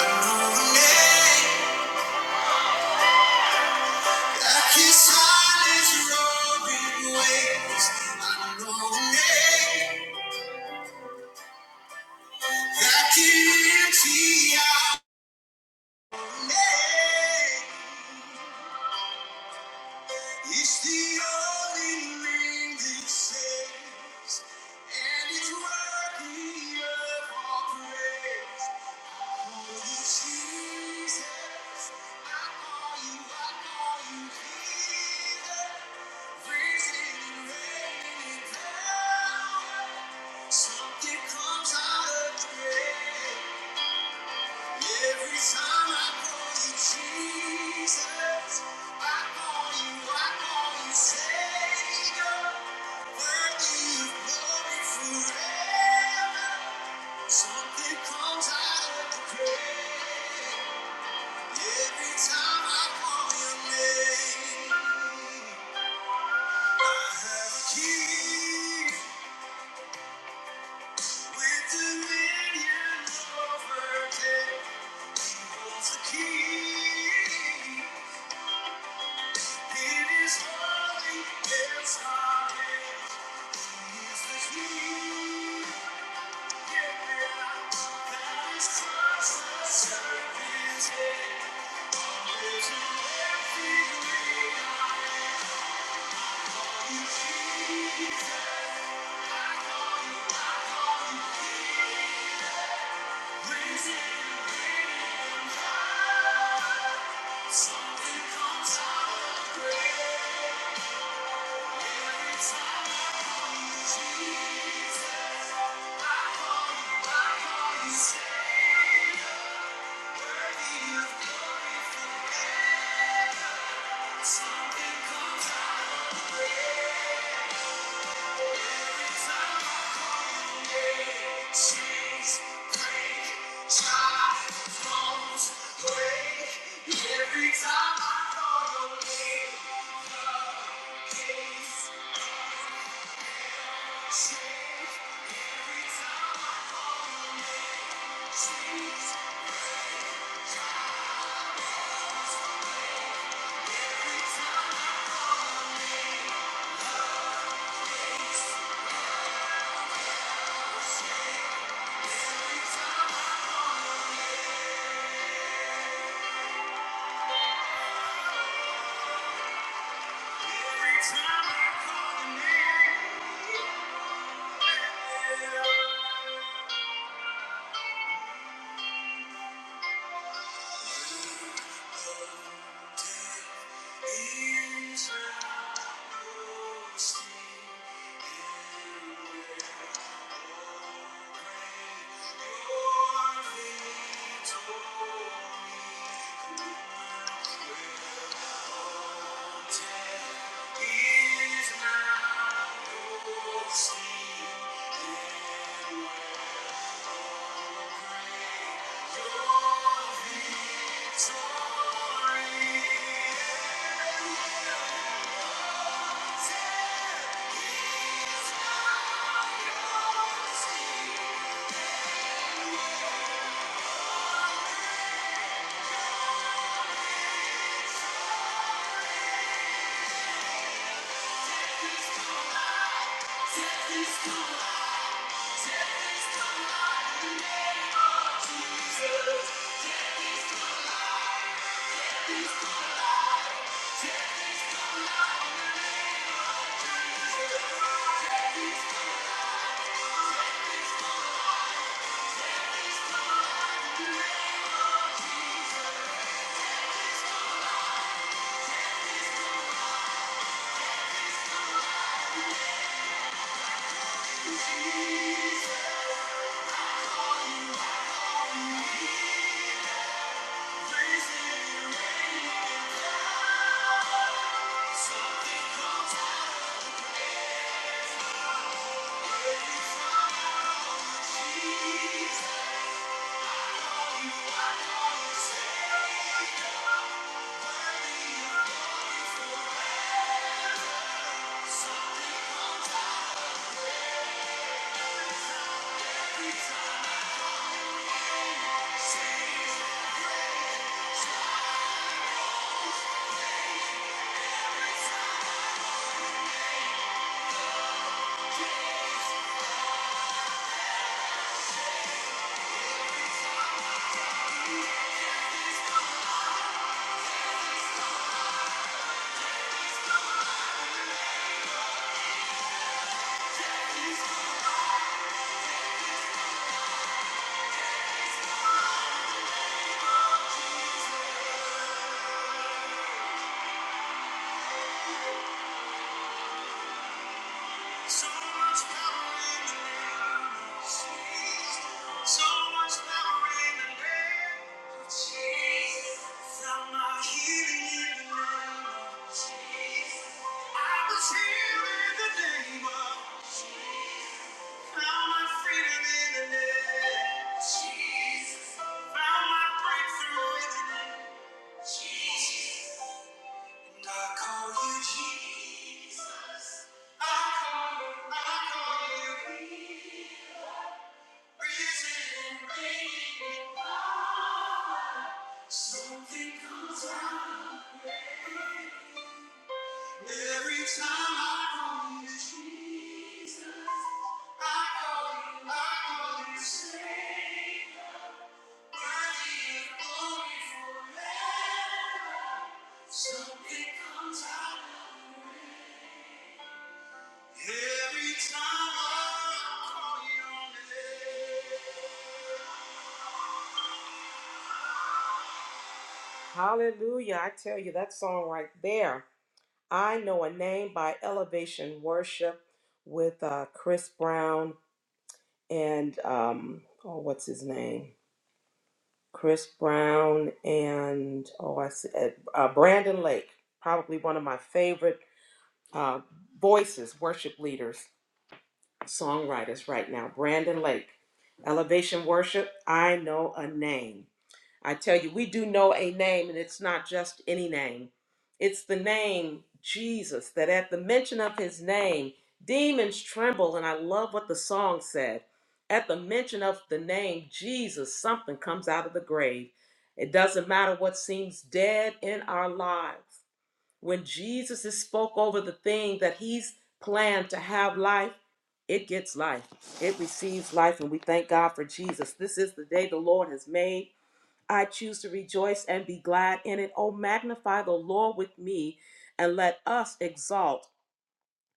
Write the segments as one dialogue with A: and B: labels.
A: It's the only name that It's only saves, And it's worthy of all praise. Something comes out of the grave. Every time I call your name, I have a key with dominion over death. Holds the key. It is holy. It's our name. He's the key. Yeah. That is Christ, the servant's head. There's an empty grave. Something comes out of the grave. Every time I call your name, Every time I call your name, Thank you. Thank you. So much power in the name. So much power in the name of Jesus. Found my healing in the name of Jesus. I was healed in the name of. Found my freedom in the name of Jesus. Found my breakthrough in the name of Jesus. I call you Jesus. I call you, I call you risen and reigning. Something comes out every time I call you Jesus. I call you, I call you Savior. Worthy and holy forever. Something comes out every time I call your name. Hallelujah. I tell you, that song right there, I Know a Name by Elevation Worship with uh, Chris Brown and, um, oh, what's his name? Chris Brown and, oh, I see, uh, uh, Brandon Lake, probably one of my favorite uh, voices, worship leaders, songwriters right now. Brandon Lake, Elevation Worship, I Know a Name. I tell you, we do know a name, and it's not just any name. It's the name Jesus, that at the mention of his name, demons tremble. And I love what the song said. At the mention of the name Jesus, something comes out of the grave. It doesn't matter what seems dead in our lives. When Jesus is spoke over the thing that he's planned to have life, it gets life. It receives life, and we thank God for Jesus. This is the day the Lord has made I choose to rejoice and be glad in it. Oh, magnify the Lord with me and let us exalt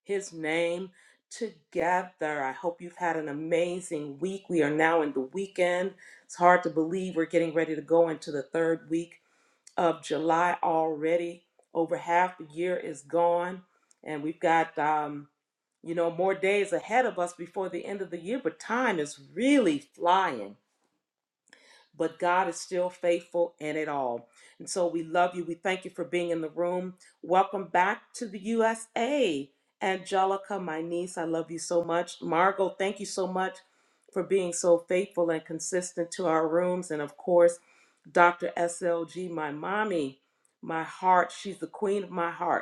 A: his name together. I hope you've had an amazing week. We are now in the weekend. It's hard to believe we're getting ready to go into the third week of July already. Over half the year is gone, and we've got, um, you know, more days ahead of us before the end of the year, but time is really flying but God is still faithful in it all. And so we love you. We thank you for being in the room. Welcome back to the USA. Angelica, my niece, I love you so much. Margot, thank you so much for being so faithful and consistent to our rooms. And of course, Dr. SLG, my mommy, my heart. She's the queen of my heart.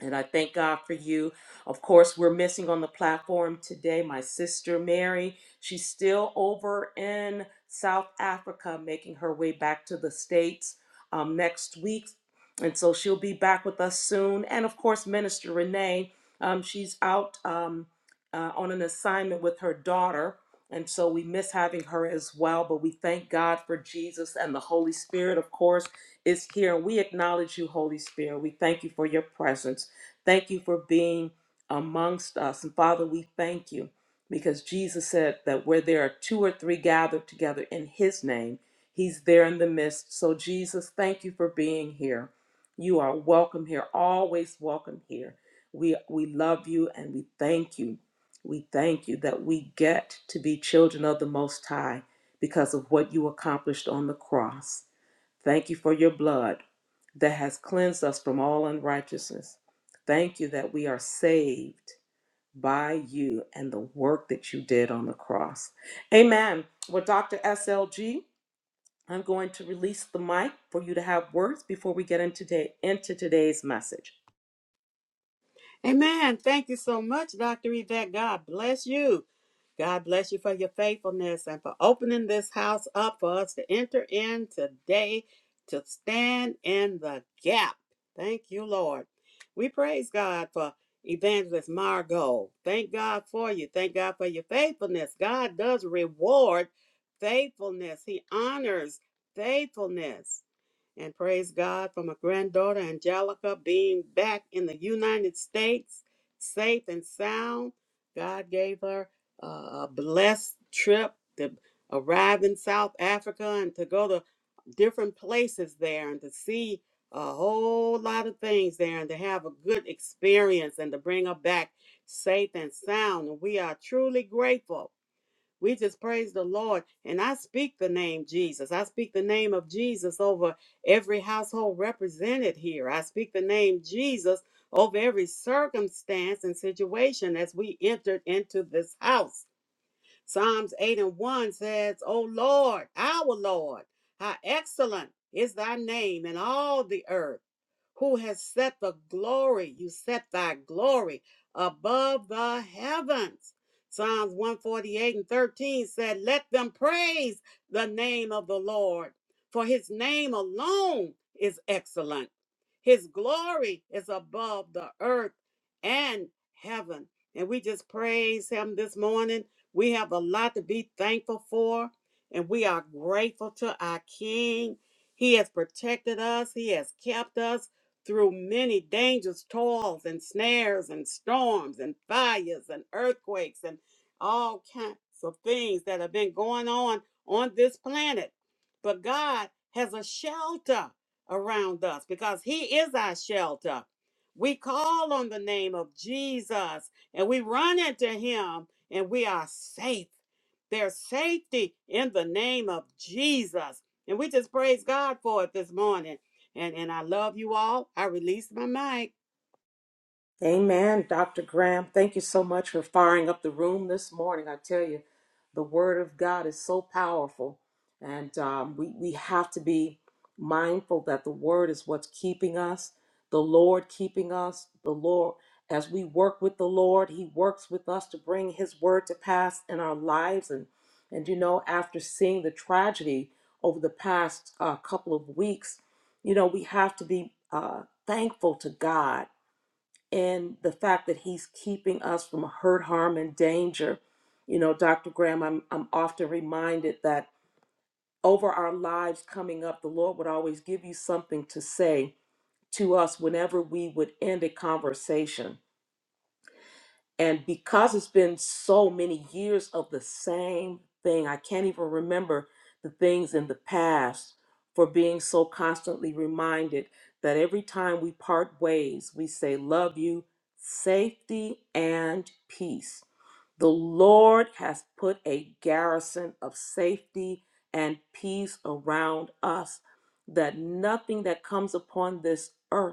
A: And I thank God for you. Of course, we're missing on the platform today my sister Mary. She's still over in South Africa, making her way back to the States um, next week. And so she'll be back with us soon. And of course, Minister Renee, um, she's out um, uh, on an assignment with her daughter. And so we miss having her as well. But we thank God for Jesus and the Holy Spirit, of course, is here. we acknowledge you, Holy Spirit. We thank you for your presence. Thank you for being amongst us. And Father, we thank you because Jesus said that where there are two or three gathered together in his name, he's there in the midst. So, Jesus, thank you for being here. You are welcome here, always welcome here. We, we love you and we thank you. We thank you that we get to be children of the Most High because of what you accomplished on the cross. Thank you for your blood that has cleansed us from all unrighteousness. Thank you that we are saved by you and the work that you did on the cross. Amen. Well, Dr. SLG, I'm going to release the mic for you to have words before we get into, today, into today's message.
B: Amen. Thank you so much, Dr. Yvette. God bless you. God bless you for your faithfulness and for opening this house up for us to enter in today to stand in the gap. Thank you, Lord. We praise God for Evangelist Margot. Thank God for you. Thank God for your faithfulness. God does reward faithfulness, He honors faithfulness and praise God for my granddaughter Angelica being back in the United States, safe and sound. God gave her uh, a blessed trip to arrive in South Africa and to go to different places there and to see a whole lot of things there and to have a good experience and to bring her back safe and sound. And we are truly grateful we just praise the Lord. And I speak the name Jesus. I speak the name of Jesus over every household represented here. I speak the name Jesus over every circumstance and situation as we entered into this house. Psalms 8 and 1 says, O Lord, our Lord, how excellent is thy name in all the earth who has set the glory, you set thy glory above the heavens. Psalms 148 and 13 said, Let them praise the name of the Lord, for his name alone is excellent. His glory is above the earth and heaven. And we just praise him this morning. We have a lot to be thankful for, and we are grateful to our King. He has protected us, He has kept us through many dangers, toils, and snares, and storms, and fires, and earthquakes, and all kinds of things that have been going on on this planet. But God has a shelter around us because he is our shelter. We call on the name of Jesus and we run into him and we are safe. There's safety in the name of Jesus. And we just praise God for it this morning. And and I love you all. I release my mic.
A: Amen, Dr. Graham. Thank you so much for firing up the room this morning. I tell you, the Word of God is so powerful, and um, we, we have to be mindful that the Word is what's keeping us, the Lord keeping us. The Lord, as we work with the Lord, He works with us to bring His Word to pass in our lives. And, and you know, after seeing the tragedy over the past uh, couple of weeks, you know, we have to be uh, thankful to God and the fact that he's keeping us from hurt, harm, and danger. You know, Dr. Graham, I'm, I'm often reminded that over our lives coming up, the Lord would always give you something to say to us whenever we would end a conversation. And because it's been so many years of the same thing, I can't even remember the things in the past for being so constantly reminded that every time we part ways, we say, Love you, safety, and peace. The Lord has put a garrison of safety and peace around us, that nothing that comes upon this earth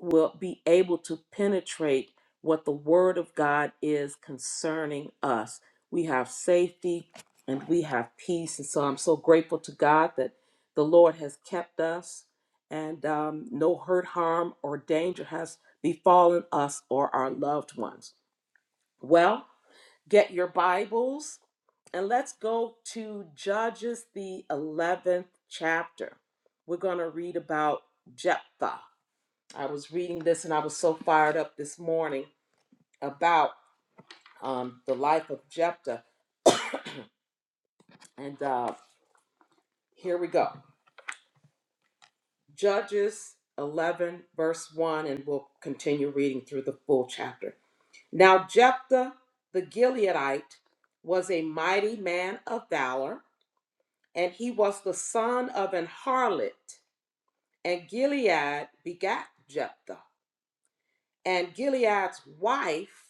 A: will be able to penetrate what the Word of God is concerning us. We have safety and we have peace. And so I'm so grateful to God that the Lord has kept us and um, no hurt, harm, or danger has befallen us or our loved ones. Well, get your Bibles and let's go to Judges, the 11th chapter. We're going to read about Jephthah. I was reading this and I was so fired up this morning about um, the life of Jephthah. And uh, here we go Judges 11, verse 1, and we'll continue reading through the full chapter. Now, Jephthah the Gileadite was a mighty man of valor, and he was the son of an harlot. And Gilead begat Jephthah. And Gilead's wife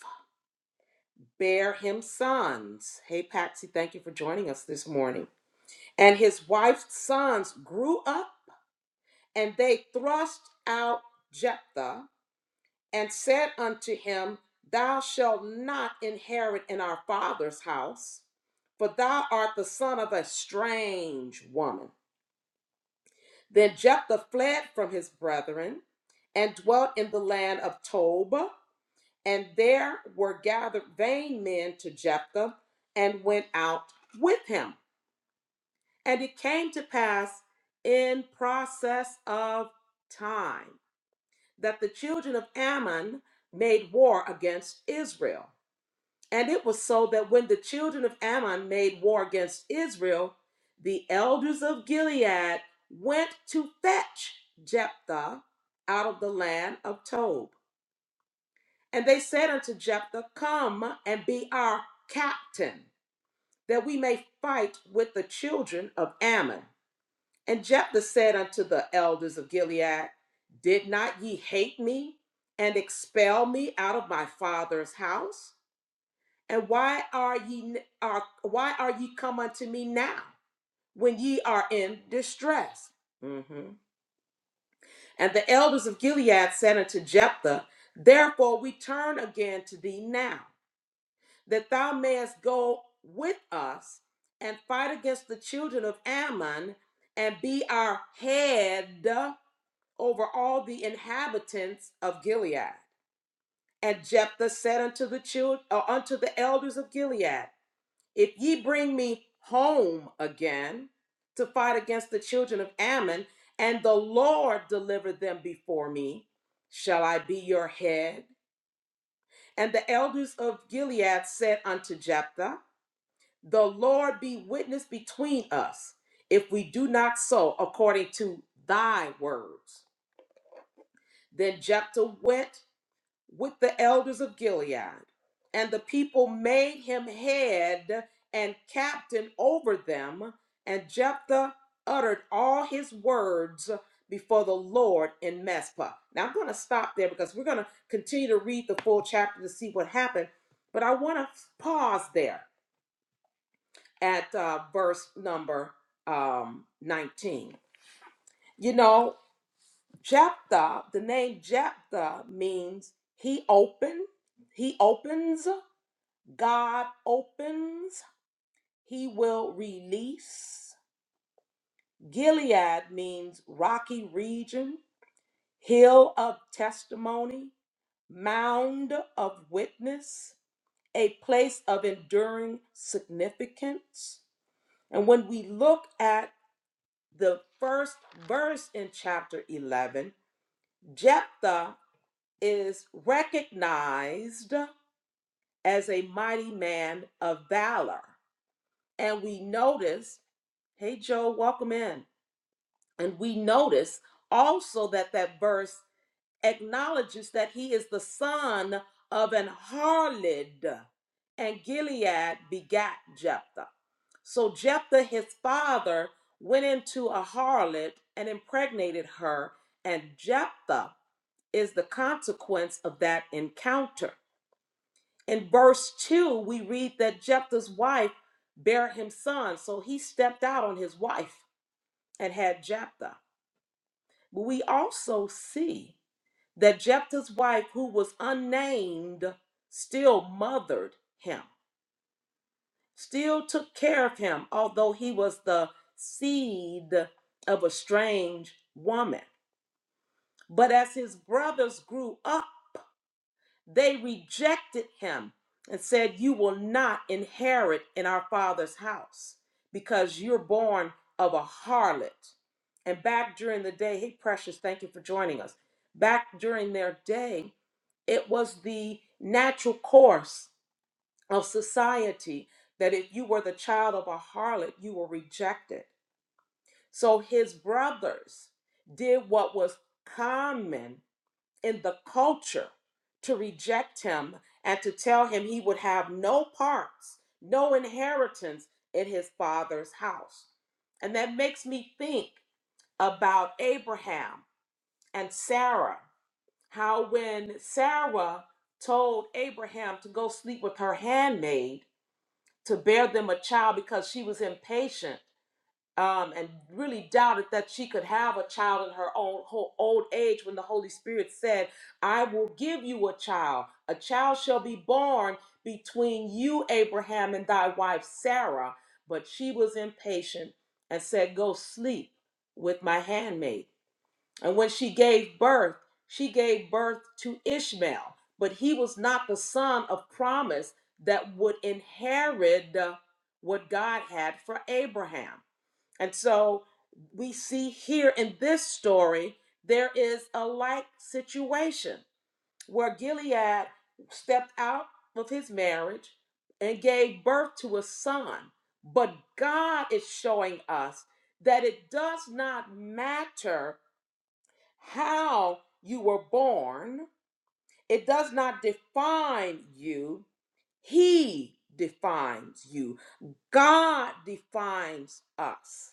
A: bare him sons. Hey, Patsy, thank you for joining us this morning. And his wife's sons grew up, and they thrust out Jephthah and said unto him, Thou shalt not inherit in our father's house, for thou art the son of a strange woman. Then Jephthah fled from his brethren and dwelt in the land of Tob. And there were gathered vain men to Jephthah and went out with him. And it came to pass in process of time that the children of Ammon made war against Israel. And it was so that when the children of Ammon made war against Israel, the elders of Gilead went to fetch Jephthah out of the land of Tob. And they said unto Jephthah, Come and be our captain, that we may fight with the children of Ammon. And Jephthah said unto the elders of Gilead, Did not ye hate me and expel me out of my father's house? And why are ye are why are ye come unto me now when ye are in distress? Mhm. And the elders of Gilead said unto Jephthah, Therefore we turn again to thee now that thou mayest go with us and fight against the children of Ammon and be our head over all the inhabitants of Gilead. And Jephthah said unto the children, or unto the elders of Gilead, If ye bring me home again to fight against the children of Ammon, and the Lord deliver them before me, shall I be your head? And the elders of Gilead said unto Jephthah, The Lord be witness between us if we do not so according to thy words. Then Jephthah went with the elders of Gilead, and the people made him head and captain over them. And Jephthah uttered all his words before the Lord in Mespah. Now I'm going to stop there because we're going to continue to read the full chapter to see what happened, but I want to pause there at uh, verse number um, 19. You know, Jephthah, the name Jephthah means he opened, he opens, God opens, he will release. Gilead means rocky region, hill of testimony, mound of witness, a place of enduring significance. And when we look at the first verse in chapter 11, Jephthah is recognized as a mighty man of valor. And we notice, hey, Joe, welcome in. And we notice also that that verse acknowledges that he is the son of an harlot, and Gilead begat Jephthah. So Jephthah, his father, went into a harlot and impregnated her, and Jephthah is the consequence of that encounter. In verse 2, we read that Jephthah's wife bare him sons, so he stepped out on his wife and had Jephthah. But we also see that Jephthah's wife, who was unnamed, still mothered him, still took care of him, although he was the seed of a strange woman. But as his brothers grew up, they rejected him and said, You will not inherit in our father's house because you're born of a harlot. And back during the day, hey, Precious, thank you for joining us. Back during their day, It was the natural course of society that if you were the child of a harlot, you were rejected. So his brothers did what was common in the culture to reject him and to tell him he would have no parts, no inheritance in his father's house. And that makes me think about Abraham and Sarah how when Sarah told Abraham to go sleep with her handmaid to bear them a child because she was impatient um, and really doubted that she could have a child in her own whole old age when the Holy Spirit said, I will give you a child. A child shall be born between you, Abraham, and thy wife Sarah. But she was impatient and said, Go sleep with my handmaid. And when she gave birth, she gave birth to Ishmael, but he was not the son of promise that would inherit uh, what God had for Abraham. And so we see here in this story, there is a like situation where Gilead stepped out of his marriage and gave birth to a son. But God is showing us that it does not matter how you were born. It does not define you. He defines you. God defines us,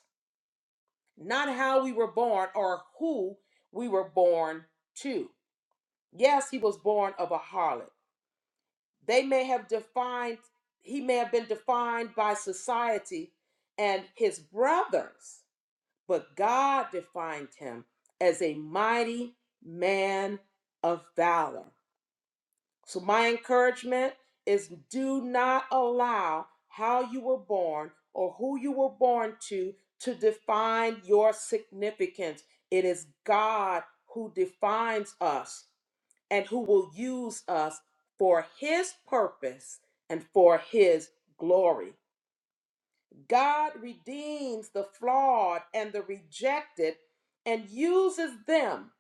A: not how we were born or who we were born to. Yes, he was born of a harlot. They may have defined, he may have been defined by society and his brothers, but God defined him as a mighty man of valor So, my encouragement is do not allow how you were born or who you were born to to define your significance. It is God who defines us and who will use us for His purpose and for His glory. God redeems the flawed and the rejected and uses them,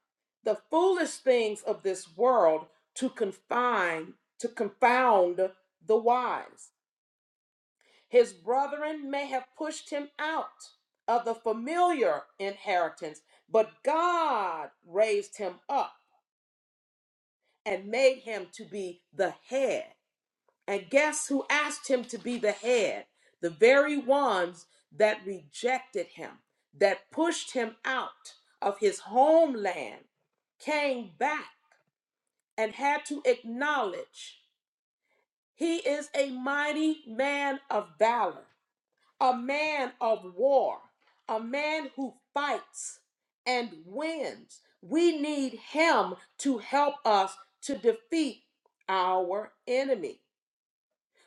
A: the foolish things of this world, to confine, to confound the wise. His brethren may have pushed him out of the familiar inheritance, but God raised him up and made him to be the head. And guess who asked him to be the head? The very ones that rejected him, that pushed him out of his homeland, came back and had to acknowledge he is a mighty man of valor, a man of war, a man who fights and wins. We need him to help us to defeat our enemy.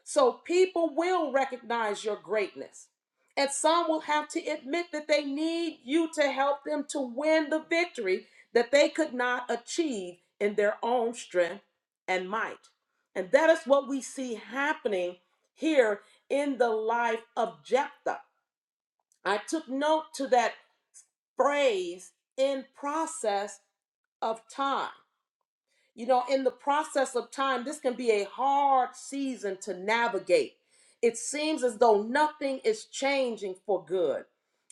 A: So people will recognize your greatness. And some will have to admit that they need you to help them to win the victory that they could not achieve in their own strength and might. And that is what we see happening here in the life of Jephthah. I took note to that phrase in process of time you know, in the process of time, this can be a hard season to navigate. It seems as though nothing is changing for good.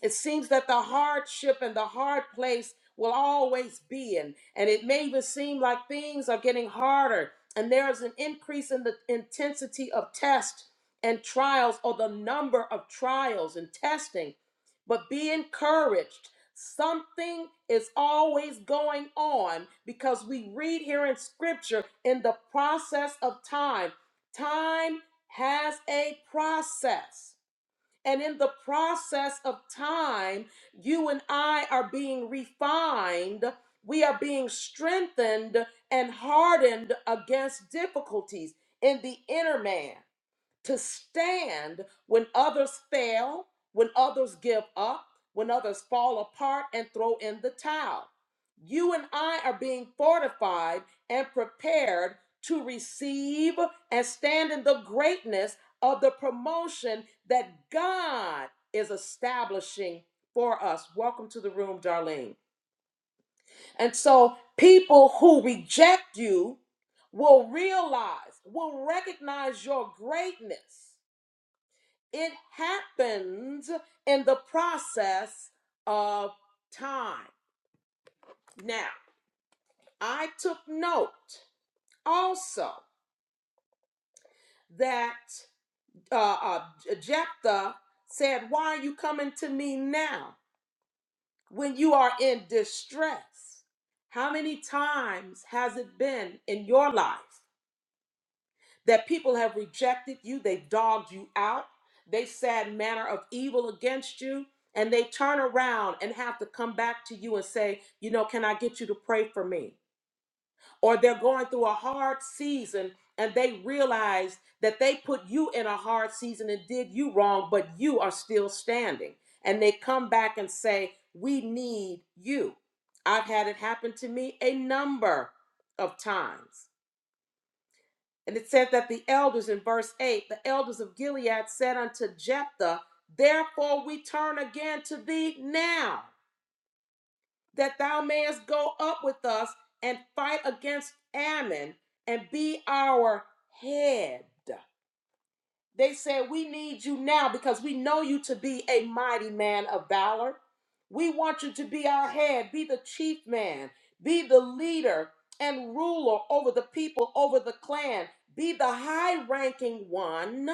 A: It seems that the hardship and the hard place will always be in. And it may even seem like things are getting harder and there is an increase in the intensity of tests and trials or the number of trials and testing but be encouraged. Something is always going on because we read here in scripture in the process of time. Time has a process. And in the process of time, you and I are being refined. We are being strengthened and hardened against difficulties in the inner man to stand when others fail, when others give up, when others fall apart and throw in the towel. You and I are being fortified and prepared to receive and stand in the greatness of the promotion that God is establishing for us. Welcome to the room, Darlene. And so, people who reject you will realize, will recognize your greatness it happens in the process of time. Now, I took note also that uh, uh, Jephthah said, Why are you coming to me now when you are in distress? How many times has it been in your life that people have rejected you, they've dogged you out, they said manner of evil against you, and they turn around and have to come back to you and say, you know, can I get you to pray for me? Or they're going through a hard season and they realize that they put you in a hard season and did you wrong, but you are still standing. And they come back and say, we need you. I've had it happen to me a number of times. And it said that the elders in verse 8, the elders of Gilead said unto Jephthah, Therefore we turn again to thee now, that thou mayest go up with us and fight against Ammon and be our head. They said, We need you now because we know you to be a mighty man of valor. We want you to be our head, be the chief man, be the leader and ruler over the people, over the clan, be the high ranking one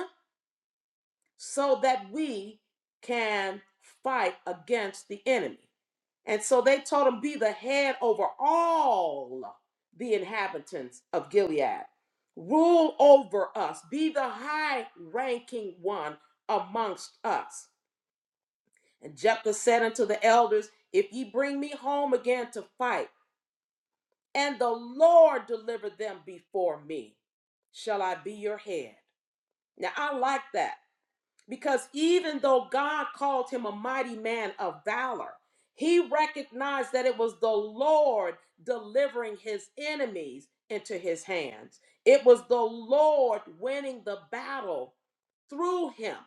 A: so that we can fight against the enemy. And so they told him, Be the head over all the inhabitants of Gilead. Rule over us, be the high ranking one amongst us. And Jephthah said unto the elders, If ye bring me home again to fight, and the Lord deliver them before me, shall I be your head. Now I like that Because even though God called him a mighty man of valor, he recognized that it was the Lord delivering his enemies into his hands. It was the Lord winning the battle through him.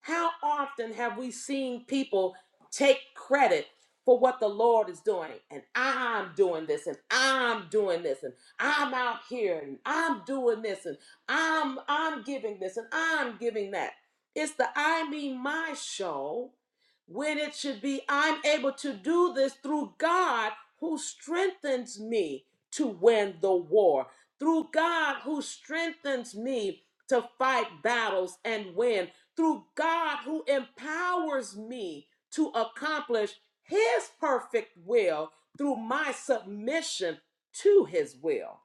A: How often have we seen people take credit for what the Lord is doing? And I'm doing this, and I'm doing this, and I'm out here, and I'm doing this, and I'm I'm giving this, and I'm giving that. It's the I mean my show when it should be I'm able to do this through God who strengthens me to win the war, through God who strengthens me to fight battles and win through God who empowers me to accomplish his perfect will through my submission to his will.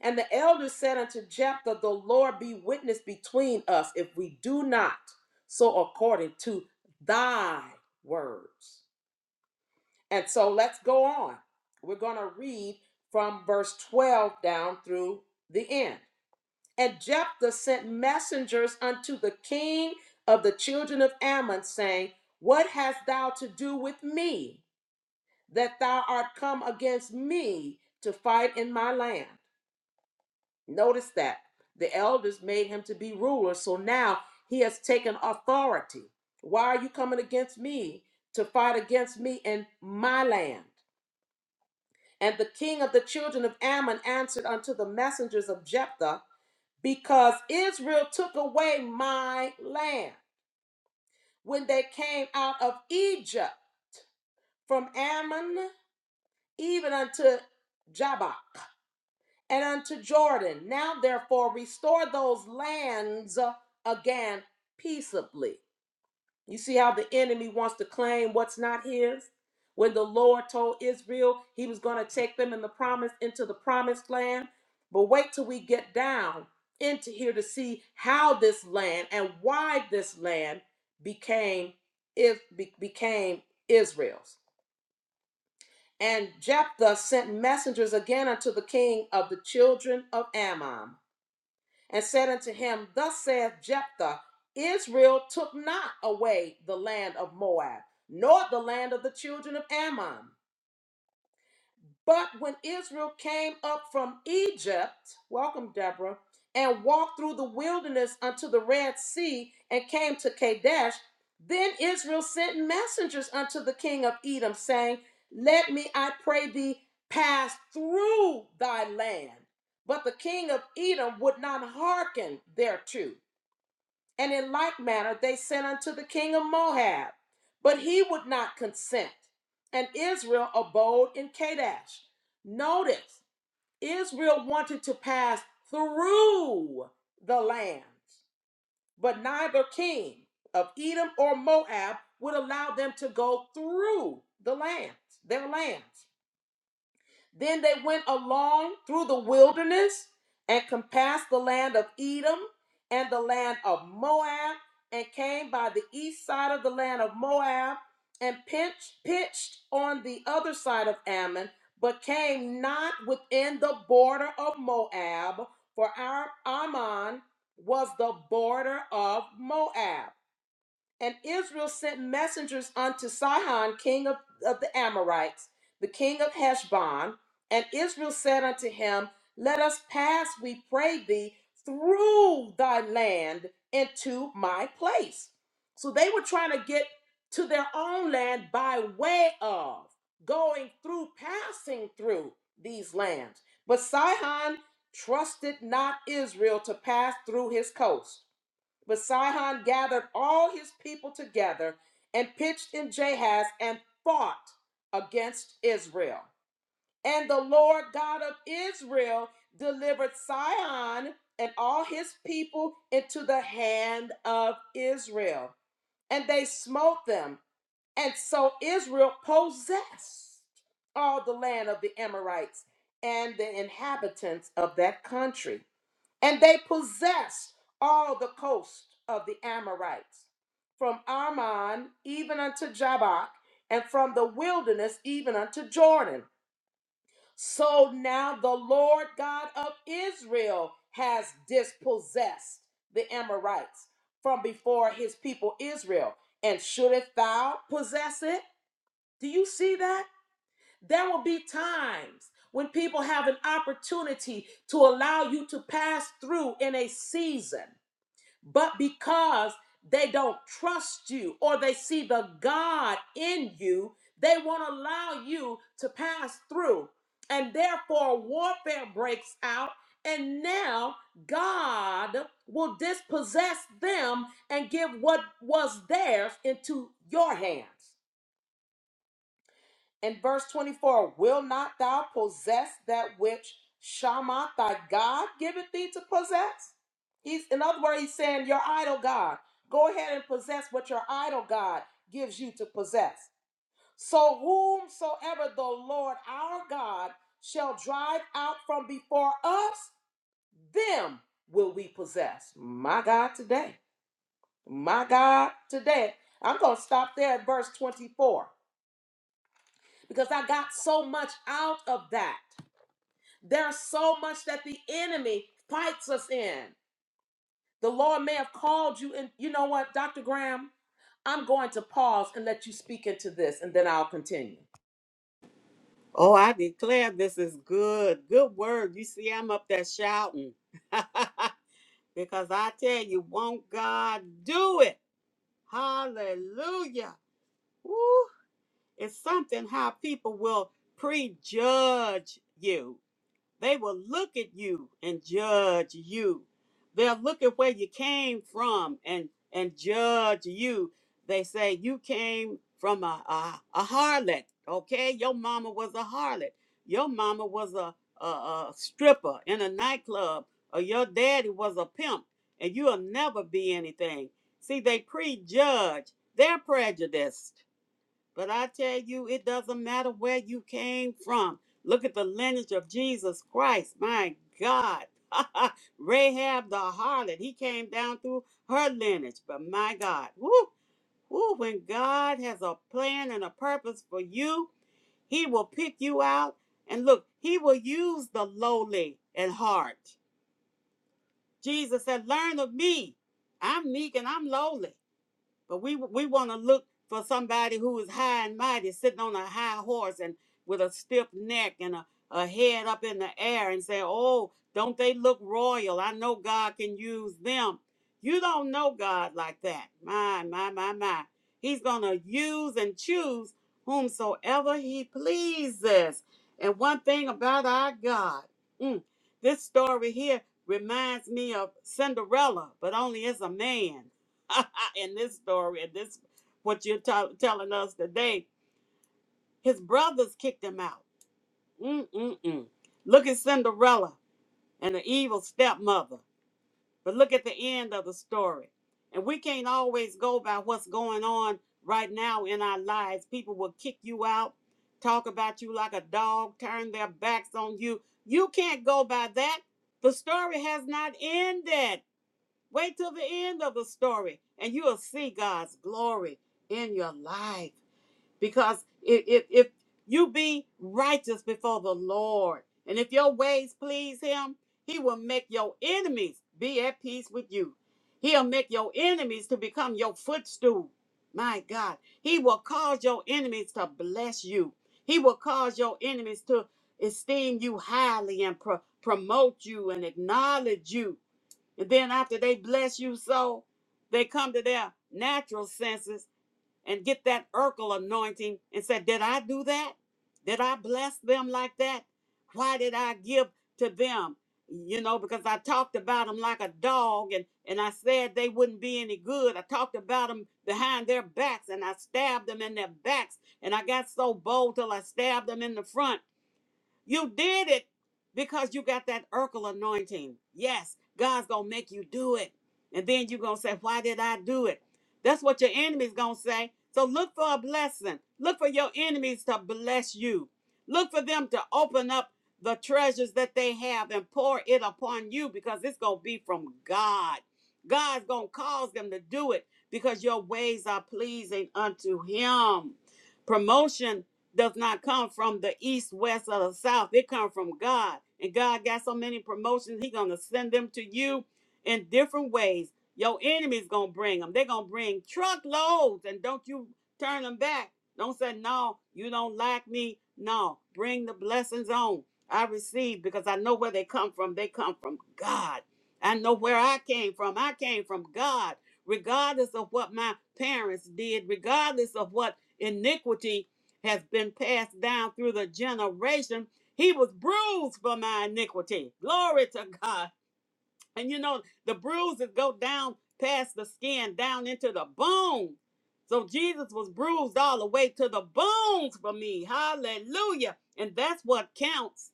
A: And the elder said unto Jephthah, The Lord be witness between us if we do not so according to thy words. And so let's go on. We're going to read from verse 12 down through the end. And Jephthah sent messengers unto the king of the children of Ammon, saying, What hast thou to do with me, that thou art come against me to fight in my land? Notice that the elders made him to be ruler, so now he has taken authority. Why are you coming against me to fight against me in my land? And the king of the children of Ammon answered unto the messengers of Jephthah. because Israel took away my land. When they came out of Egypt, from Ammon even unto Jabbok and unto Jordan. Now, therefore, restore those lands uh, again peaceably You see how the enemy wants to claim what's not his? When the Lord told Israel he was going to take them in the promise into the promised land, but wait till we get down into here to see how this land and why this land became if be- became Israel's. And Jephthah sent messengers again unto the king of the children of Ammon and said unto him, Thus saith Jephthah, Israel took not away the land of Moab, nor the land of the children of Ammon. But when Israel came up from Egypt, welcome Deborah, and walked through the wilderness unto the Red Sea and came to Kadesh, then Israel sent messengers unto the king of Edom, saying, Let me, I pray thee, pass through thy land. But the king of Edom would not hearken thereto. And in like manner they sent unto the king of Moab, but he would not consent. And Israel abode in Kadesh. Notice, Israel wanted to pass through the land, but neither king of Edom or Moab would allow them to go through the land, their lands. Then they went along through the wilderness and compassed the land of Edom and the land of Moab and came by the east side of the land of Moab and pitched, pitched on the other side of Ammon, but came not within the border of Moab, for Ammon was the border of Moab. And Israel sent messengers unto Sihon, king of, of the Amorites, the king of Heshbon. And Israel said unto him, Let us pass, we pray thee, through thy land into my place. So they were trying to get to their own land by way of going through, passing through these lands. But Sihon trusted not Israel to pass through his coast but Sihon gathered all his people together and pitched in Jahaz and fought against Israel. And the Lord God of Israel delivered Sihon and all his people into the hand of Israel. And they smote them. And so Israel possessed all the land of the Amorites and the inhabitants of that country. And they possessed all the coast of the Amorites, from Arnon even unto Jabbok, and from the wilderness even unto Jordan. So now the Lord God of Israel has dispossessed the Amorites from before his people Israel. And shouldest thou possess it? Do you see that? There will be times when people have an opportunity to allow you to pass through in a season but because they don't trust you or they see the God in you, they won't allow you to pass through. And therefore, warfare breaks out. And now God will dispossess them and give what was theirs into your hands. In verse 24, will not thou possess that which Shammah thy God giveth thee to possess? He's in other words, he's saying, Your idol God, go ahead and possess what your idol God gives you to possess. So whomsoever the Lord our God shall drive out from before us, them will we possess. My God today. My God today. I'm going to stop there at verse 24 because I got so much out of that. There's so much that the enemy fights us in. The Lord may have called you, and you know what, Dr. Graham? I'm going to pause and let you speak into this, and then I'll continue.
B: Oh, I declare this is good. Good word. You see, I'm up there shouting. because I tell you, won't God do it? Hallelujah. It's something how people will prejudge you. They will look at you and judge you. They'll look at where you came from and and judge you. They say you came from a a, a harlot. Okay, your mama was a harlot. Your mama was a, a a stripper in a nightclub, or your daddy was a pimp, and you'll never be anything. See, they prejudge. They're prejudiced but I tell you, it doesn't matter where you came from. Look at the lineage of Jesus Christ. My God. Rahab the harlot, he came down through her lineage. But my God, woo, woo, when God has a plan and a purpose for you, he will pick you out. And look, he will use the lowly in heart. Jesus said, Learn of me. I'm meek and I'm lowly. But we we want to look for somebody who is high and mighty, sitting on a high horse and with a stiff neck and a, a head up in the air and say, Oh, don't they look royal? I know God can use them. You don't know God like that. My, my, my, my. He's going to use and choose whomsoever he pleases. And one thing about our God, mm, this story here reminds me of Cinderella, but only as a man. in this story, and this what you're tell telling us today, his brothers kicked him out. Mm-mm-mm. Look at Cinderella and the evil stepmother. But look at the end of the story. And we can't always go by what's going on right now in our lives. People will kick you out, talk about you like a dog, turn their backs on you. You can't go by that. The story has not ended. Wait till the end of the story and you will see God's glory in your life. Because if, if, if you be righteous before the Lord and if your ways please Him, He will make your enemies be at peace with you. He'll make your enemies to become your footstool. My God, He will cause your enemies to bless you. He will cause your enemies to esteem you highly and pro- promote you and acknowledge you and then after they bless you so, they come to their natural senses and get that Urkel anointing and say, Did I do that? Did I bless them like that? Why did I give to them? You know, because I talked about them like a dog and, and I said they wouldn't be any good. I talked about them behind their backs and I stabbed them in their backs and I got so bold till I stabbed them in the front. You did it because you got that Urkel anointing. Yes, God's gonna make you do it. And then you're gonna say, Why did I do it? That's what your enemy's gonna say. So look for a blessing. Look for your enemies to bless you. Look for them to open up the treasures that they have and pour it upon you because it's gonna be from God. God's gonna cause them to do it because your ways are pleasing unto him. Promotion does not come from the east, west, or the south. It comes from God. And God got so many promotions, He gonna send them to you in different ways. Your enemies gonna bring them. They're gonna bring truckloads, and don't you turn them back. Don't say no, you don't like me. No, bring the blessings on. I receive because I know where they come from. They come from God. I know where I came from. I came from God, regardless of what my parents did, regardless of what iniquity has been passed down through the generation. He was bruised for my iniquity. Glory to God. And you know, the bruises go down past the skin, down into the bone. So Jesus was bruised all the way to the bones for me. Hallelujah. And that's what counts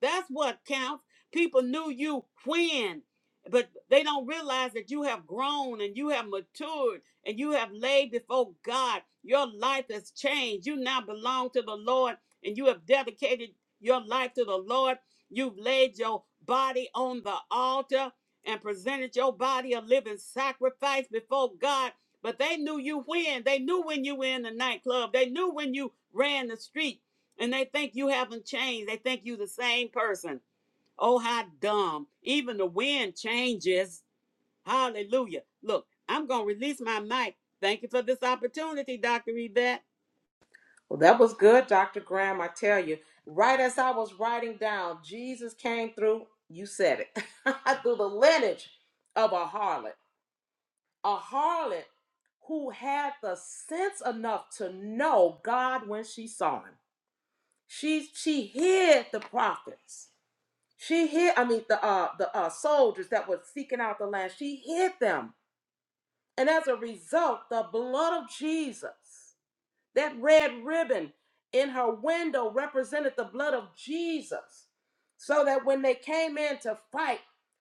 B: that's what counts. People knew you when, but they don't realize that you have grown and you have matured and you have laid before God. Your life has changed. You now belong to the Lord and you have dedicated your life to the Lord. You've laid your body on the altar and presented your body a living sacrifice before God. But they knew you when. They knew when you were in the nightclub. They knew when you ran the street and they think you haven't changed. They think you the same person. Oh, how dumb. Even the wind changes. Hallelujah. Look, I'm going to release my mic. Thank you for this opportunity, Dr. Yvette.
A: Well, that was good, Dr. Graham. I tell you, right as I was writing down, Jesus came through, you said it, through the lineage of a harlot. A harlot who had the sense enough to know God when she saw him. She, she hid the prophets She hid, I mean, the uh, the uh, soldiers that were seeking out the land, she hid them. And as a result, the blood of Jesus, that red ribbon in her window represented the blood of Jesus. So that when they came in to fight,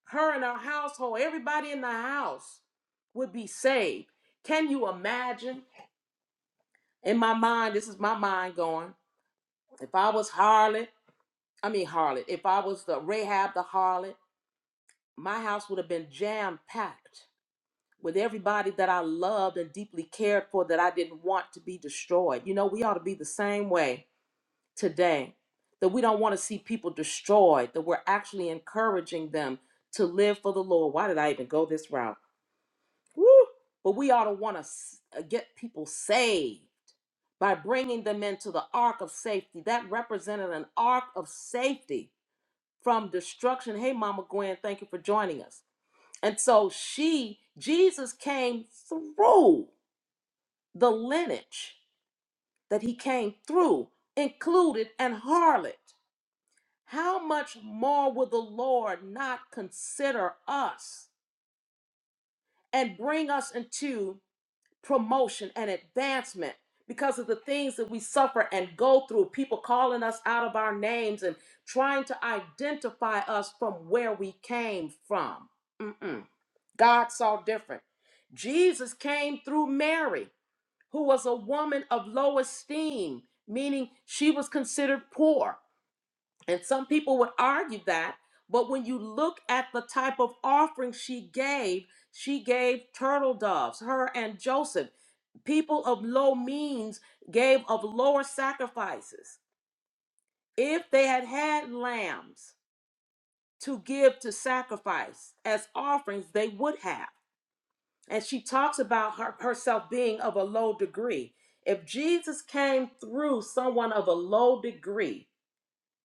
A: her and her household, everybody in the house would be saved. Can you imagine? In my mind, this is my mind going. If I was harlot, I mean harlot, if I was the Rahab the harlot, my house would have been jam packed with everybody that I loved and deeply cared for that I didn't want to be destroyed. You know, we ought to be the same way today that we don't want to see people destroyed, that we're actually encouraging them to live for the Lord. Why did I even go this route? Woo! But we ought to want to get people saved by bringing them into the ark of safety. That represented an ark of safety from destruction. Hey, Mama Gwen, thank you for joining us and so she, Jesus came through the lineage that he came through, included an harlot. How much more will the Lord not consider us and bring us into promotion and advancement because of the things that we suffer and go through? People calling us out of our names and trying to identify us from where we came from. Mm-mm. God saw different. Jesus came through Mary, who was a woman of low esteem, meaning she was considered poor. And some people would argue that, but when you look at the type of offering she gave, she gave turtle doves, her and Joseph people of low means gave of lower sacrifices. If they had had lambs to give to sacrifice as offerings, they would have. and she talks about her, herself being of a low degree. If Jesus came through someone of a low degree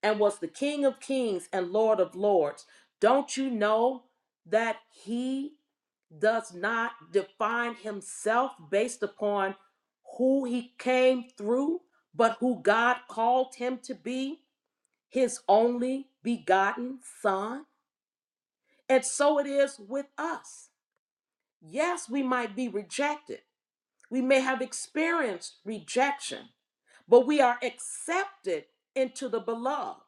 A: and was the King of Kings and Lord of Lords, don't you know that he does not define himself based upon who he came through, but who God called him to be, his only begotten Son? And so it is with us. Yes, we might be rejected We may have experienced rejection, but we are accepted into the beloved.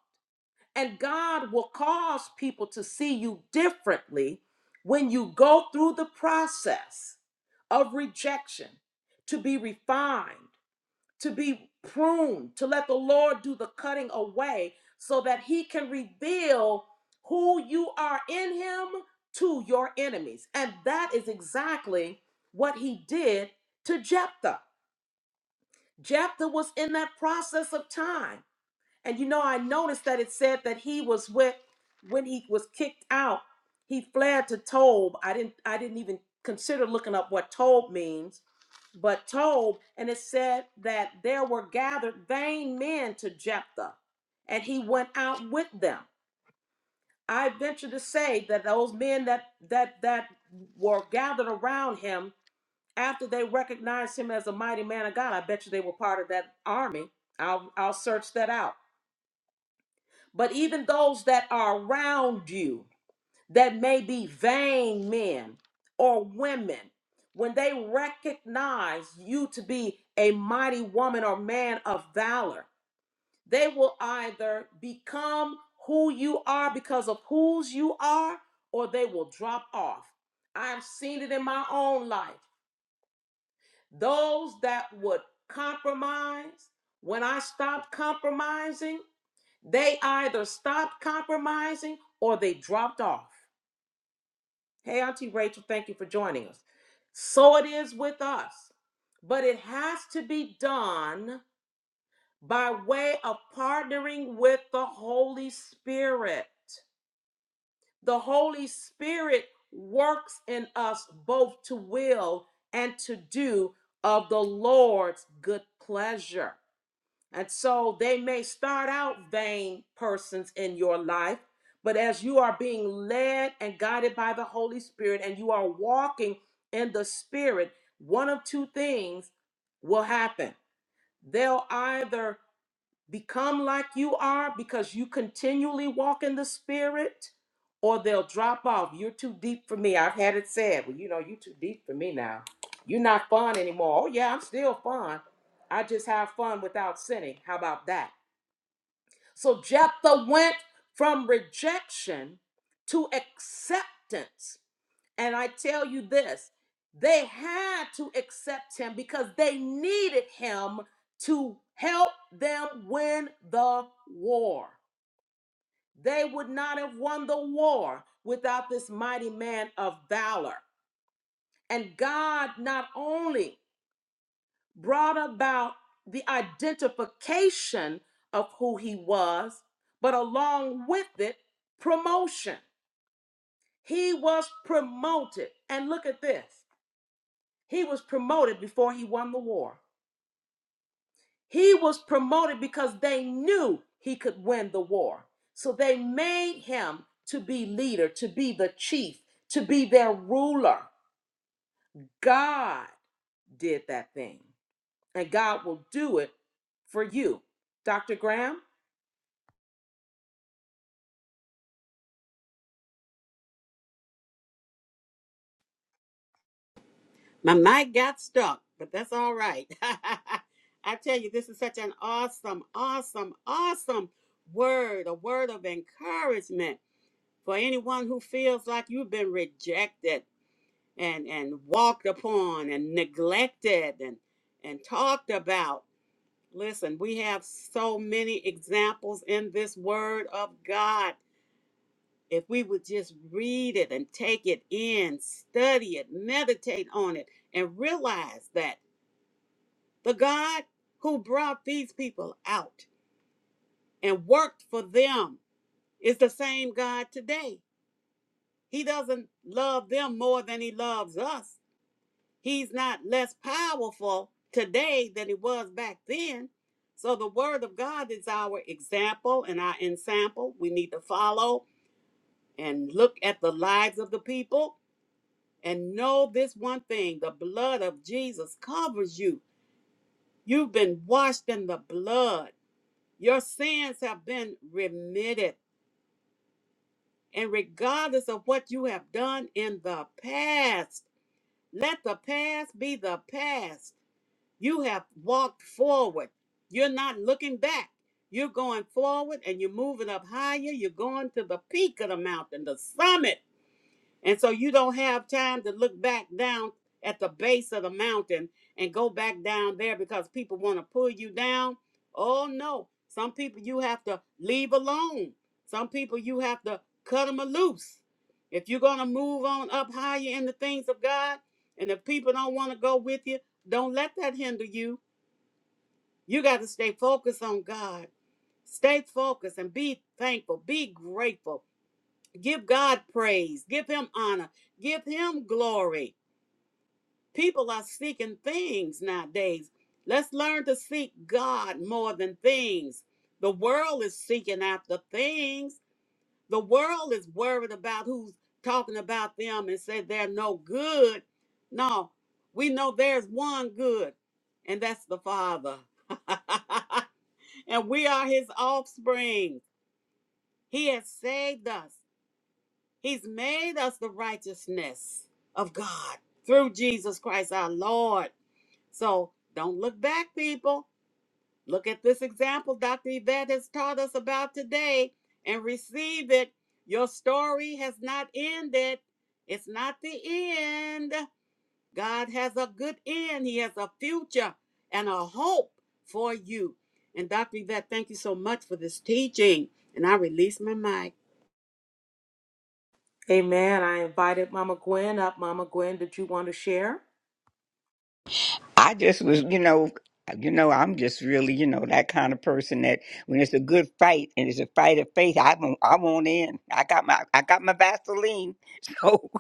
A: And God will cause people to see you differently when you go through the process of rejection to be refined, to be pruned, to let the Lord do the cutting away so that He can reveal who you are in Him to your enemies. And that is exactly what He did to Jephthah. Jephthah was in that process of time. And you know, I noticed that it said that he was with when he was kicked out, he fled to Tob. I didn't I didn't even consider looking up what Tob means, but Tob, and it said that there were gathered vain men to Jephthah, and he went out with them. I venture to say that those men that that that were gathered around him after they recognized him as a mighty man of God, I bet you they were part of that army. I'll, I'll search that out. But even those that are around you that may be vain men or women, when they recognize you to be a mighty woman or man of valor, they will either become who you are because of whose you are, or they will drop off. I've seen it in my own life. those that would compromise, when I stopped compromising, they either stopped compromising or they dropped off. Hey, Auntie Rachel, thank you for joining us. So it is with us, but it has to be done by way of partnering with the Holy Spirit. The Holy Spirit works in us both to will and to do of the Lord's good pleasure. And so they may start out vain persons in your life, but as you are being led and guided by the Holy Spirit and you are walking in the Spirit, one of two things will happen. They'll either become like you are because you continually walk in the spirit or they'll drop off you're too deep for me i've had it said well you know you're too deep for me now you're not fun anymore oh yeah i'm still fun i just have fun without sinning how about that so jephthah went from rejection to acceptance and I tell you this, they had to accept him because they needed him to help them win the war. They would not have won the war without this mighty man of valor. And God not only brought about the identification of who he was, but along with it, promotion. He was promoted. And look at this He was promoted before he won the war. He was promoted because they knew he could win the war. So they made him to be leader, to be the chief, to be their ruler. God did that thing, and God will do it for you. Dr. Graham?
B: My mic got stuck, but that's all right. I tell you, this is such an awesome, awesome, awesome word, a word of encouragement for anyone who feels like you've been rejected and, and walked upon and neglected and, and talked about. Listen, we have so many examples in this word of God. If we would just read it and take it in, study it, meditate on it, and realize that the God who brought these people out and worked for them is the same God today. He doesn't love them more than he loves us. He's not less powerful today than he was back then. So the word of God is our example and our ensample. We need to follow and look at the lives of the people and know this one thing the blood of Jesus covers you. You've been washed in the blood. Your sins have been remitted. And regardless of what you have done in the past, let the past be the past. You have walked forward. You're not looking back. You're going forward and you're moving up higher. You're going to the peak of the mountain, the summit. And so you don't have time to look back down at the base of the mountain and go back down there because people want to pull you down. Oh, no. Some people you have to leave alone. Some people you have to cut them loose. If you're going to move on up higher in the things of God, and if people don't want to go with you, don't let that hinder you you got to stay focused on God. Stay focused and be thankful. Be grateful. Give God praise. Give Him honor. Give Him glory. People are seeking things nowadays. Let's learn to seek God more than things. The world is seeking after things. The world is worried about who's talking about them and say they're no good. No, we know there's one good, and that's the Father. and we are his offspring. He has saved us. He's made us the righteousness of God through Jesus Christ our Lord. So don't look back, people. Look at this example Dr. Yvette has taught us about today and receive it. Your story has not ended, it's not the end. God has a good end, He has a future and a hope for you. And Dr. Yvette, thank you so much for this teaching. And I release my mic.
A: Amen. I invited Mama Gwen up. Mama Gwen, did you want to share?
C: I just was, you know, you know, I'm just really, you know, that kind of person that when it's a good fight and it's a fight of faith, I won't, I won't end. I got my, I got my Vaseline. So,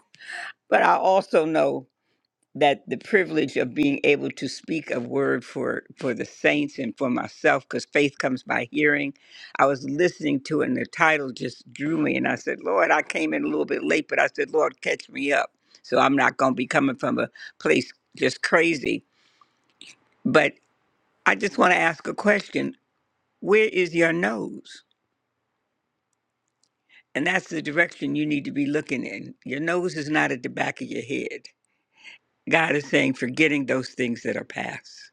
C: but I also know that the privilege of being able to speak a word for for the saints and for myself, because faith comes by hearing. I was listening to it, and the title just drew me, and I said, Lord, I came in a little bit late, but I said, Lord, catch me up. So I'm not going to be coming from a place just crazy. but. I just want to ask a question. Where is your nose? And that's the direction you need to be looking in. Your nose is not at the back of your head. God is saying, forgetting those things that are past.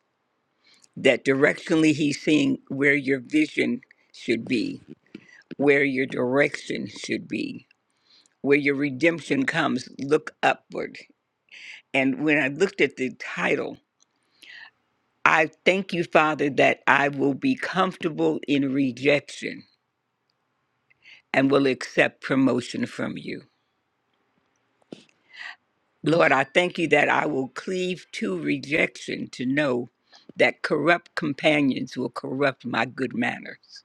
C: That directionally, He's seeing where your vision should be, where your direction should be, where your redemption comes. Look upward. And when I looked at the title, I thank you, Father, that I will be comfortable in rejection and will accept promotion from you. Lord, I thank you that I will cleave to rejection to know that corrupt companions will corrupt my good manners.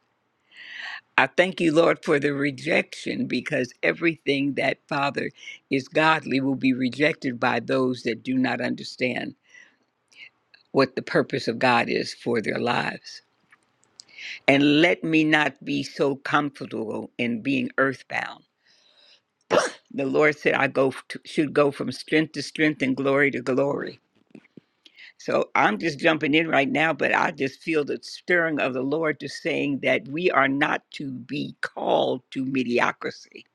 C: I thank you, Lord, for the rejection because everything that, Father, is godly will be rejected by those that do not understand what the purpose of God is for their lives. And let me not be so comfortable in being earthbound. The Lord said, I go f- to, should go from strength to strength and glory to glory. So I'm just jumping in right now, but I just feel the stirring of the Lord just saying that we are not to be called to mediocrity.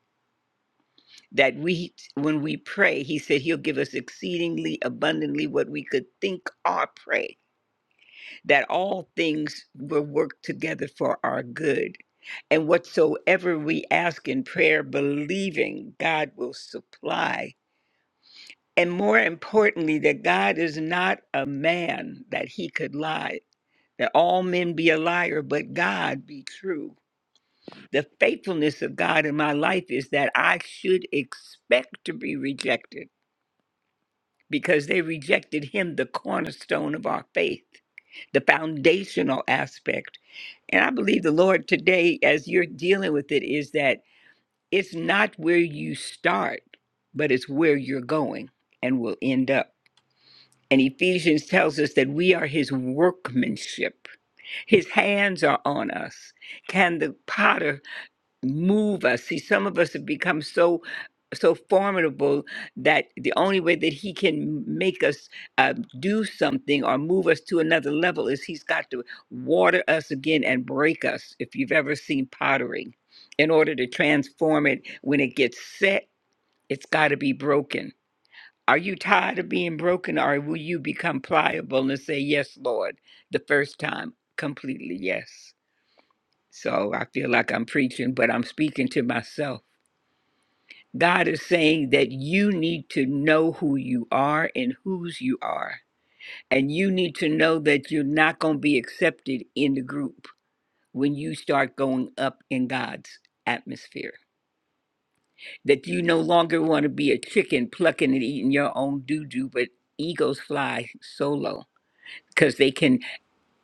C: That we, when we pray, He said He'll give us exceedingly abundantly what we could think or pray, that all things will work together for our good. And whatsoever we ask in prayer, believing God will supply. And more importantly, that God is not a man that He could lie that all men be a liar, but God be true. The faithfulness of God in my life is that I should expect to be rejected because they rejected him, the cornerstone of our faith, the foundational aspect. And I believe the Lord today, as you're dealing with it, is that it's not where you start, but it's where you're going and will end up. And Ephesians tells us that we are his workmanship His hands are on us. Can the potter move us? See, some of us have become so so formidable that the only way that he can make us uh, do something or move us to another level is he's got to water us again and break us. If you've ever seen pottery, in order to transform it, when it gets set, it's got to be broken. Are you tired of being broken, or will you become pliable and say, "Yes, Lord," the first time completely? Yes. So I feel like I'm preaching, but I'm speaking to myself. God is saying that you need to know who you are and whose you are. And you need to know that you're not going to be accepted in the group when you start going up in God's atmosphere. That you no longer want to be a chicken plucking and eating your own doo doo, but eagles fly solo because they can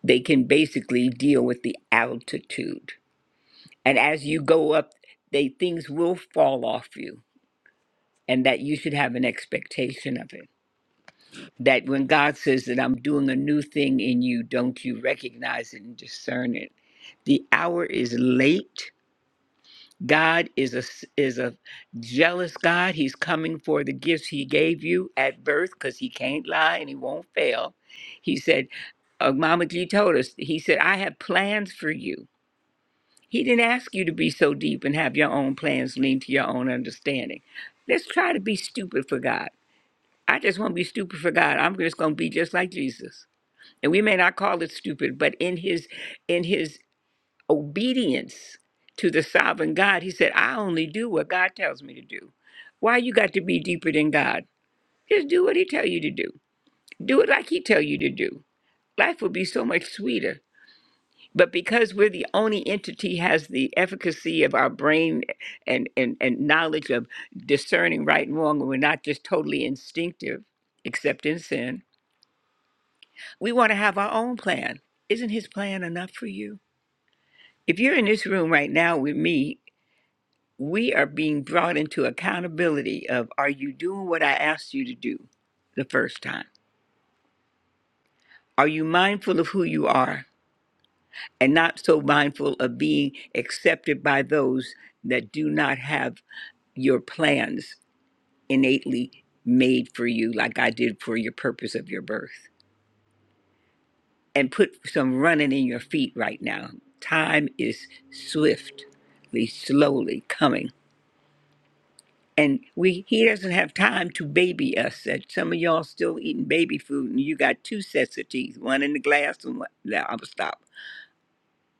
C: they can basically deal with the altitude. And as you go up, they things will fall off you and that you should have an expectation of it. That when God says that I'm doing a new thing in you, don't you recognize it and discern it? The hour is late. God is a is a jealous God. He's coming for the gifts He gave you at birth because He can't lie and He won't fail. He said, uh, "Mama G told us." He said, "I have plans for you." He didn't ask you to be so deep and have your own plans lean to your own understanding. Let's try to be stupid for God I just won't be stupid for God. I'm just going to be just like Jesus. And we may not call it stupid, but in his in his obedience to the sovereign God, he said, "I only do what God tells me to do." Why you got to be deeper than God? Just do what he tell you to do. Do it like he tell you to do. Life would be so much sweeter. But because we're the only entity has the efficacy of our brain and, and, and knowledge of discerning right and wrong, and we're not just totally instinctive, except in sin, We want to have our own plan. Isn't his plan enough for you? If you're in this room right now with me, we are being brought into accountability of are you doing what I asked you to do the first time? Are you mindful of who you are and not so mindful of being accepted by those that do not have your plans innately made for you like I did for your purpose of your birth? and put some running in your feet right now. Time is swiftly, slowly coming. And we he doesn't have time to baby us. That some of y'all still eating baby food and you got two sets of teeth, one in the glass and one no, I'm stop.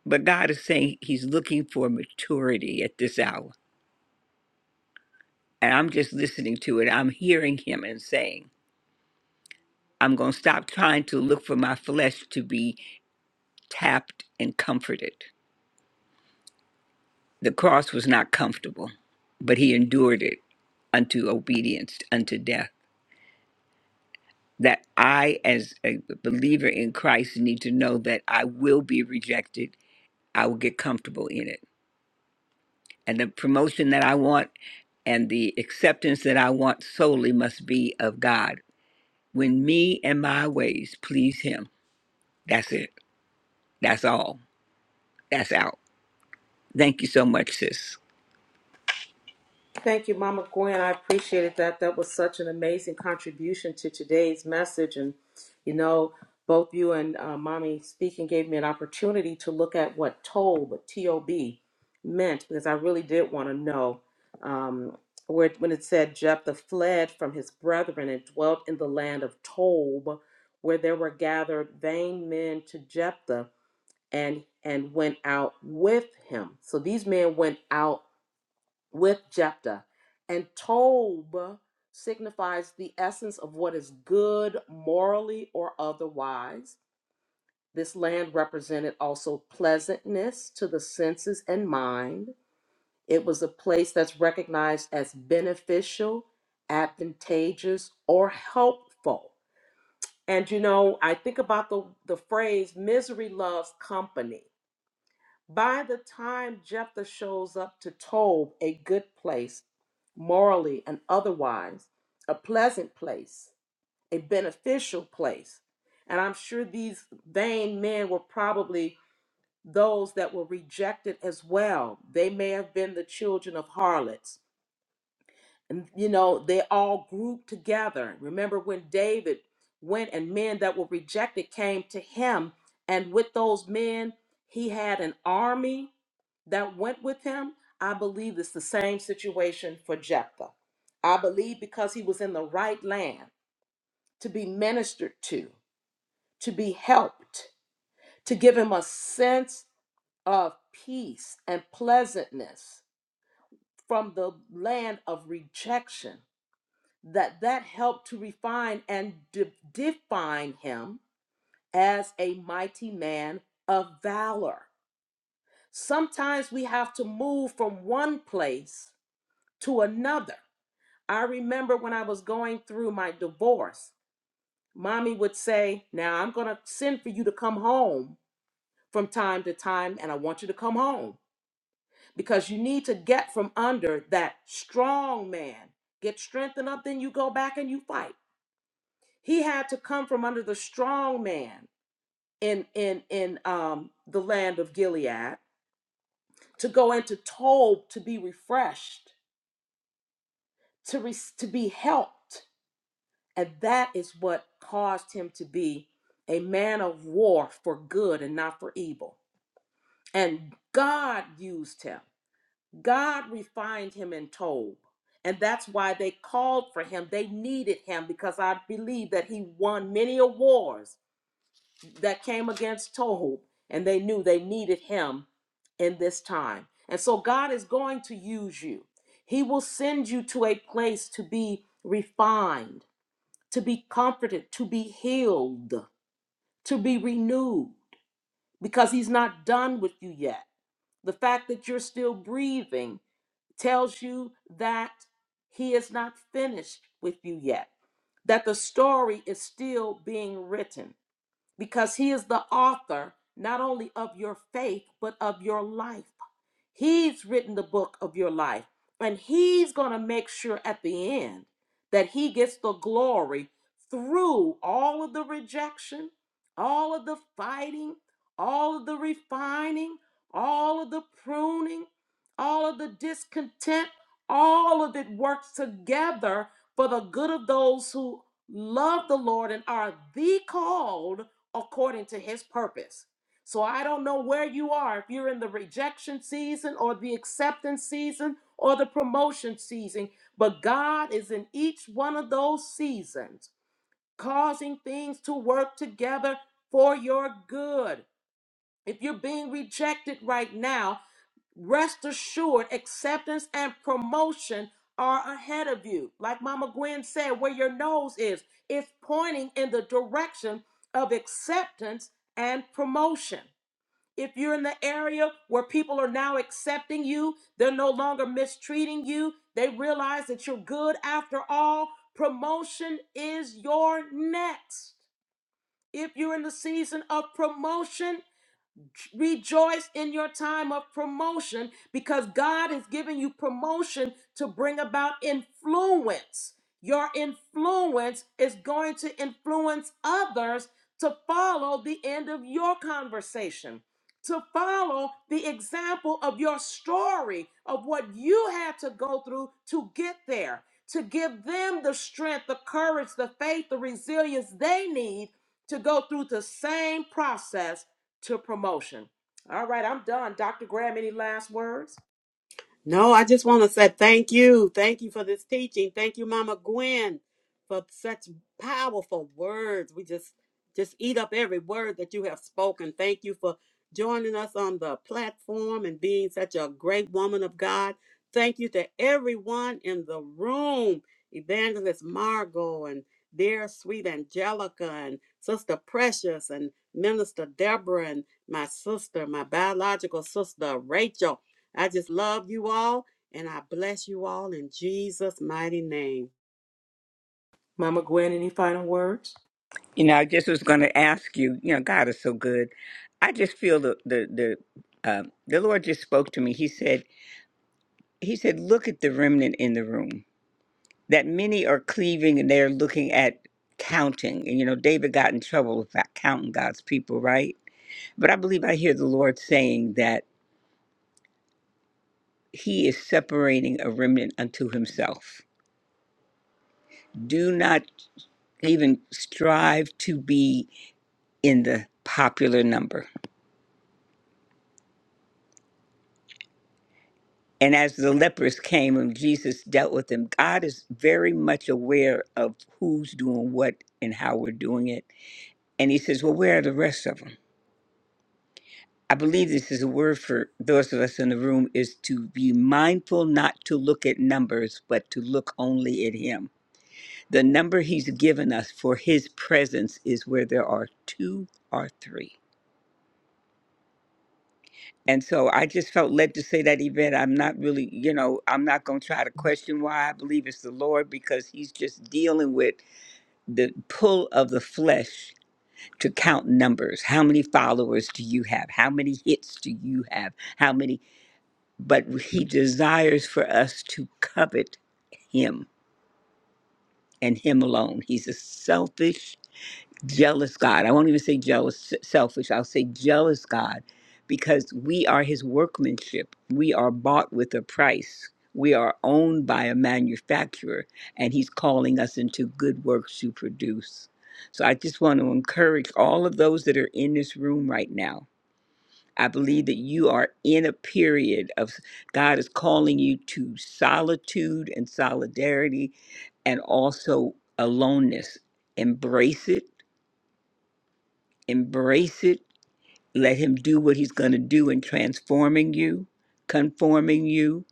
C: But God is saying he's looking for maturity at this hour. And I'm just listening to it. I'm hearing him and saying, I'm gonna stop trying to look for my flesh to be tapped and comforted. The cross was not comfortable, but he endured it unto obedience, unto death. That I, as a believer in Christ, need to know that I will be rejected. I will get comfortable in it. And the promotion that I want and the acceptance that I want solely must be of God. When me and my ways please Him, that's it. That's all. That's out. Thank you so much, sis.
A: Thank you, Mama Gwen. I appreciated that. That was such an amazing contribution to today's message. And, you know, both you and uh, Mommy speaking gave me an opportunity to look at what TOB, what T-O-B meant, because I really did want to know um, where when it said Jephthah fled from his brethren and dwelt in the land of Tob, where there were gathered vain men to Jephthah and and went out with him. So these men went out with Jephthah. And Tob signifies the essence of what is good morally or otherwise. This land represented also pleasantness to the senses and mind. It was a place that's recognized as beneficial, advantageous, or helpful. And you know, I think about the, the phrase misery loves company by the time Jephthah shows up to Tob, a good place, morally and otherwise, a pleasant place, a beneficial place, and I'm sure these vain men were probably those that were rejected as well. They may have been the children of harlots. And, you know, they all grouped together. Remember when David went and men that were rejected came to him, and with those men, he had an army that went with him, I believe it's the same situation for Jephthah. I believe because he was in the right land to be ministered to, to be helped, to give him a sense of peace and pleasantness from the land of rejection that that helped to refine and de- define him as a mighty man of valor sometimes we have to move from one place to another I remember when I was going through my divorce, mommy would say, Now I'm going to send for you to come home from time to time, and I want you to come home because you need to get from under that strong man. Get strengthened up, then you go back and you fight. He had to come from under the strong man in in in um, the land of Gilead to go into Tob to be refreshed, to re- to be helped And that is what caused him to be a man of war for good and not for evil. And God used him. God refined him in Tob. And that's why they called for him. They needed him because I believe that he won many wars that came against Tob. And they knew they needed him in this time. And so God is going to use you. He will send you to a place to be refined to be comforted, to be healed, to be renewed, because He's not done with you yet. The fact that you're still breathing tells you that He is not finished with you yet, that the story is still being written, because He is the author not only of your faith, but of your life. He's written the book of your life, and He's going to make sure at the end that He gets the glory through all of the rejection, all of the fighting, all of the refining, all of the pruning, all of the discontent. All of it works together for the good of those who love the Lord and are the called according to His purpose. So I don't know where you are, if you're in the rejection season or the acceptance season or the promotion season, but God is in each one of those seasons, causing things to work together for your good. If you're being rejected right now, rest assured acceptance and promotion are ahead of you. Like Mama Gwen said, where your nose is, it's pointing in the direction of acceptance and promotion. If you're in the area where people are now accepting you, they're no longer mistreating you, they realize that you're good after all, promotion is your next. If you're in the season of promotion, Rejoice in your time of promotion because God is giving you promotion to bring about influence. Your influence is going to influence others to follow the end of your conversation, to follow the example of your story of what you had to go through to get there, to give them the strength, the courage, the faith, the resilience they need to go through the same process to promotion. All right, I'm done. Dr. Graham, any last words?
B: No, I just want to say thank you. Thank you for this teaching. Thank you, Mama Gwen, for such powerful words. We just just eat up every word that you have spoken. Thank you for joining us on the platform and being such a great woman of God. Thank you to everyone in the room, Evangelist Margot and dear sweet Angelica and Sister Precious and Minister Deborah and my sister, my biological sister Rachel. I just love you all and I bless you all in Jesus' mighty name.
A: Mama Gwen, any final words?
C: You know, I just was going to ask you. You know, God is so good. I just feel the the the uh, the Lord just spoke to me. He said, He said, look at the remnant in the room. That many are cleaving and they're looking at counting. And you know, David got in trouble about counting God's people, right? But I believe I hear the Lord saying that He is separating a remnant unto Himself. Do not even strive to be in the popular number And as the lepers came and Jesus dealt with them, God is very much aware of who's doing what and how we're doing it. And he says, Well, where are the rest of them? I believe this is a word for those of us in the room is to be mindful not to look at numbers, but to look only at him. The number he's given us for his presence is where there are two or three. And so I just felt led to say that, Yvette. I'm not really, you know, I'm not going to try to question why I believe it's the Lord because he's just dealing with the pull of the flesh to count numbers. How many followers do you have? How many hits do you have? How many? But he desires for us to covet him and him alone. He's a selfish jealous God. I won't even say jealous, selfish. I'll say jealous God because we are his workmanship. We are bought with a price. We are owned by a manufacturer, and he's calling us into good works to produce. So I just want to encourage all of those that are in this room right now. I believe that you are in a period of God is calling you to solitude and solidarity and also aloneness. Embrace it Embrace it. Let Him do what He's going to do in transforming you, conforming you,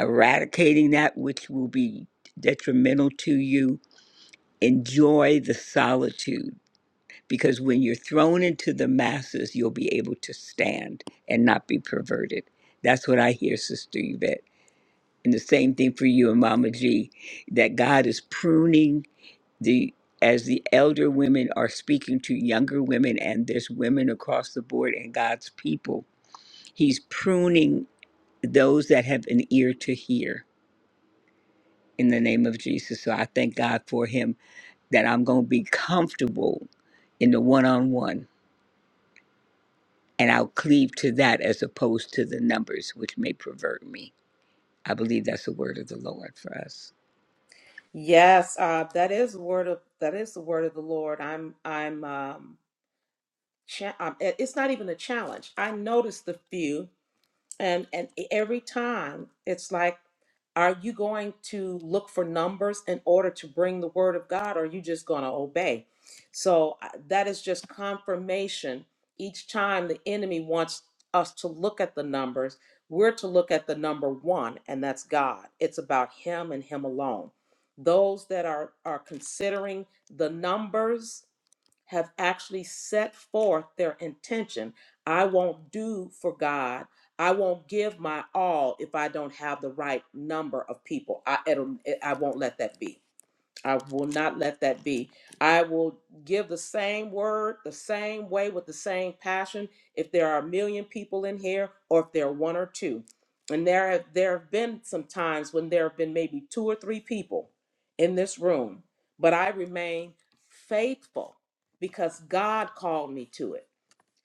C: eradicating that which will be detrimental to you. Enjoy the solitude because when you're thrown into the masses, you'll be able to stand and not be perverted. That's what I hear, Sister Yvette. And the same thing for you and Mama G that God is pruning the as the elder women are speaking to younger women and there's women across the board and God's people he's pruning those that have an ear to hear in the name of Jesus so I thank God for him that I'm going to be comfortable in the one-on-one and I'll cleave to that as opposed to the numbers which may pervert me I believe that's the word of the Lord for us
A: Yes, uh, that is word of that is the word of the Lord. I'm I'm um, cha- um it- it's not even a challenge. I notice the few, and and e, every time it's like. Are you going to look for numbers in order to bring the word of God, or are you just going to obey? So I- that is just confirmation. Each time the enemy wants us to look at the numbers, we're to look at the number one, and that's God. It's about Him and Him alone. Those that are, are considering the numbers, have actually set forth their intention. I won't do for God. I won't give my all if I don't have the right number of people. I it'll, I won't let that be. I will not let that be. I will give the same word, the same way, with the same passion. If there are a million people in here, or if there are one or two, and there have there have been some times when there have been maybe two or three people in this room, but I remain faithful because God called me to it.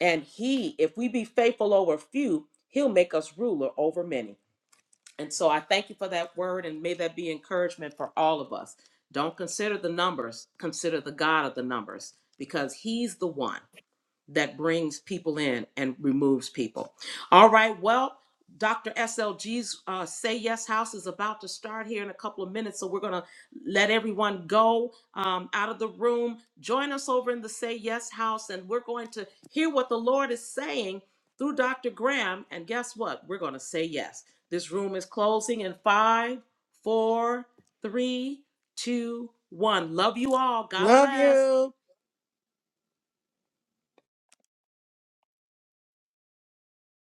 A: And He, if we be faithful over few, He'll make us ruler over many. And so I thank you for that word, and may that be encouragement for all of us. Don't consider the numbers, consider the God of the numbers, because He's the one that brings people in and removes people. All right, well, Dr. SLG's uh, Say Yes House is about to start here in a couple of minutes, so we're going to let everyone go um, out of the room. Join us over in the Say Yes House, and we're going to hear what the Lord is saying through Dr. Graham. And guess what? We're going to say yes. This room is closing in five, four, three, two, one. Love you all. God
B: Love
A: bless.
B: you.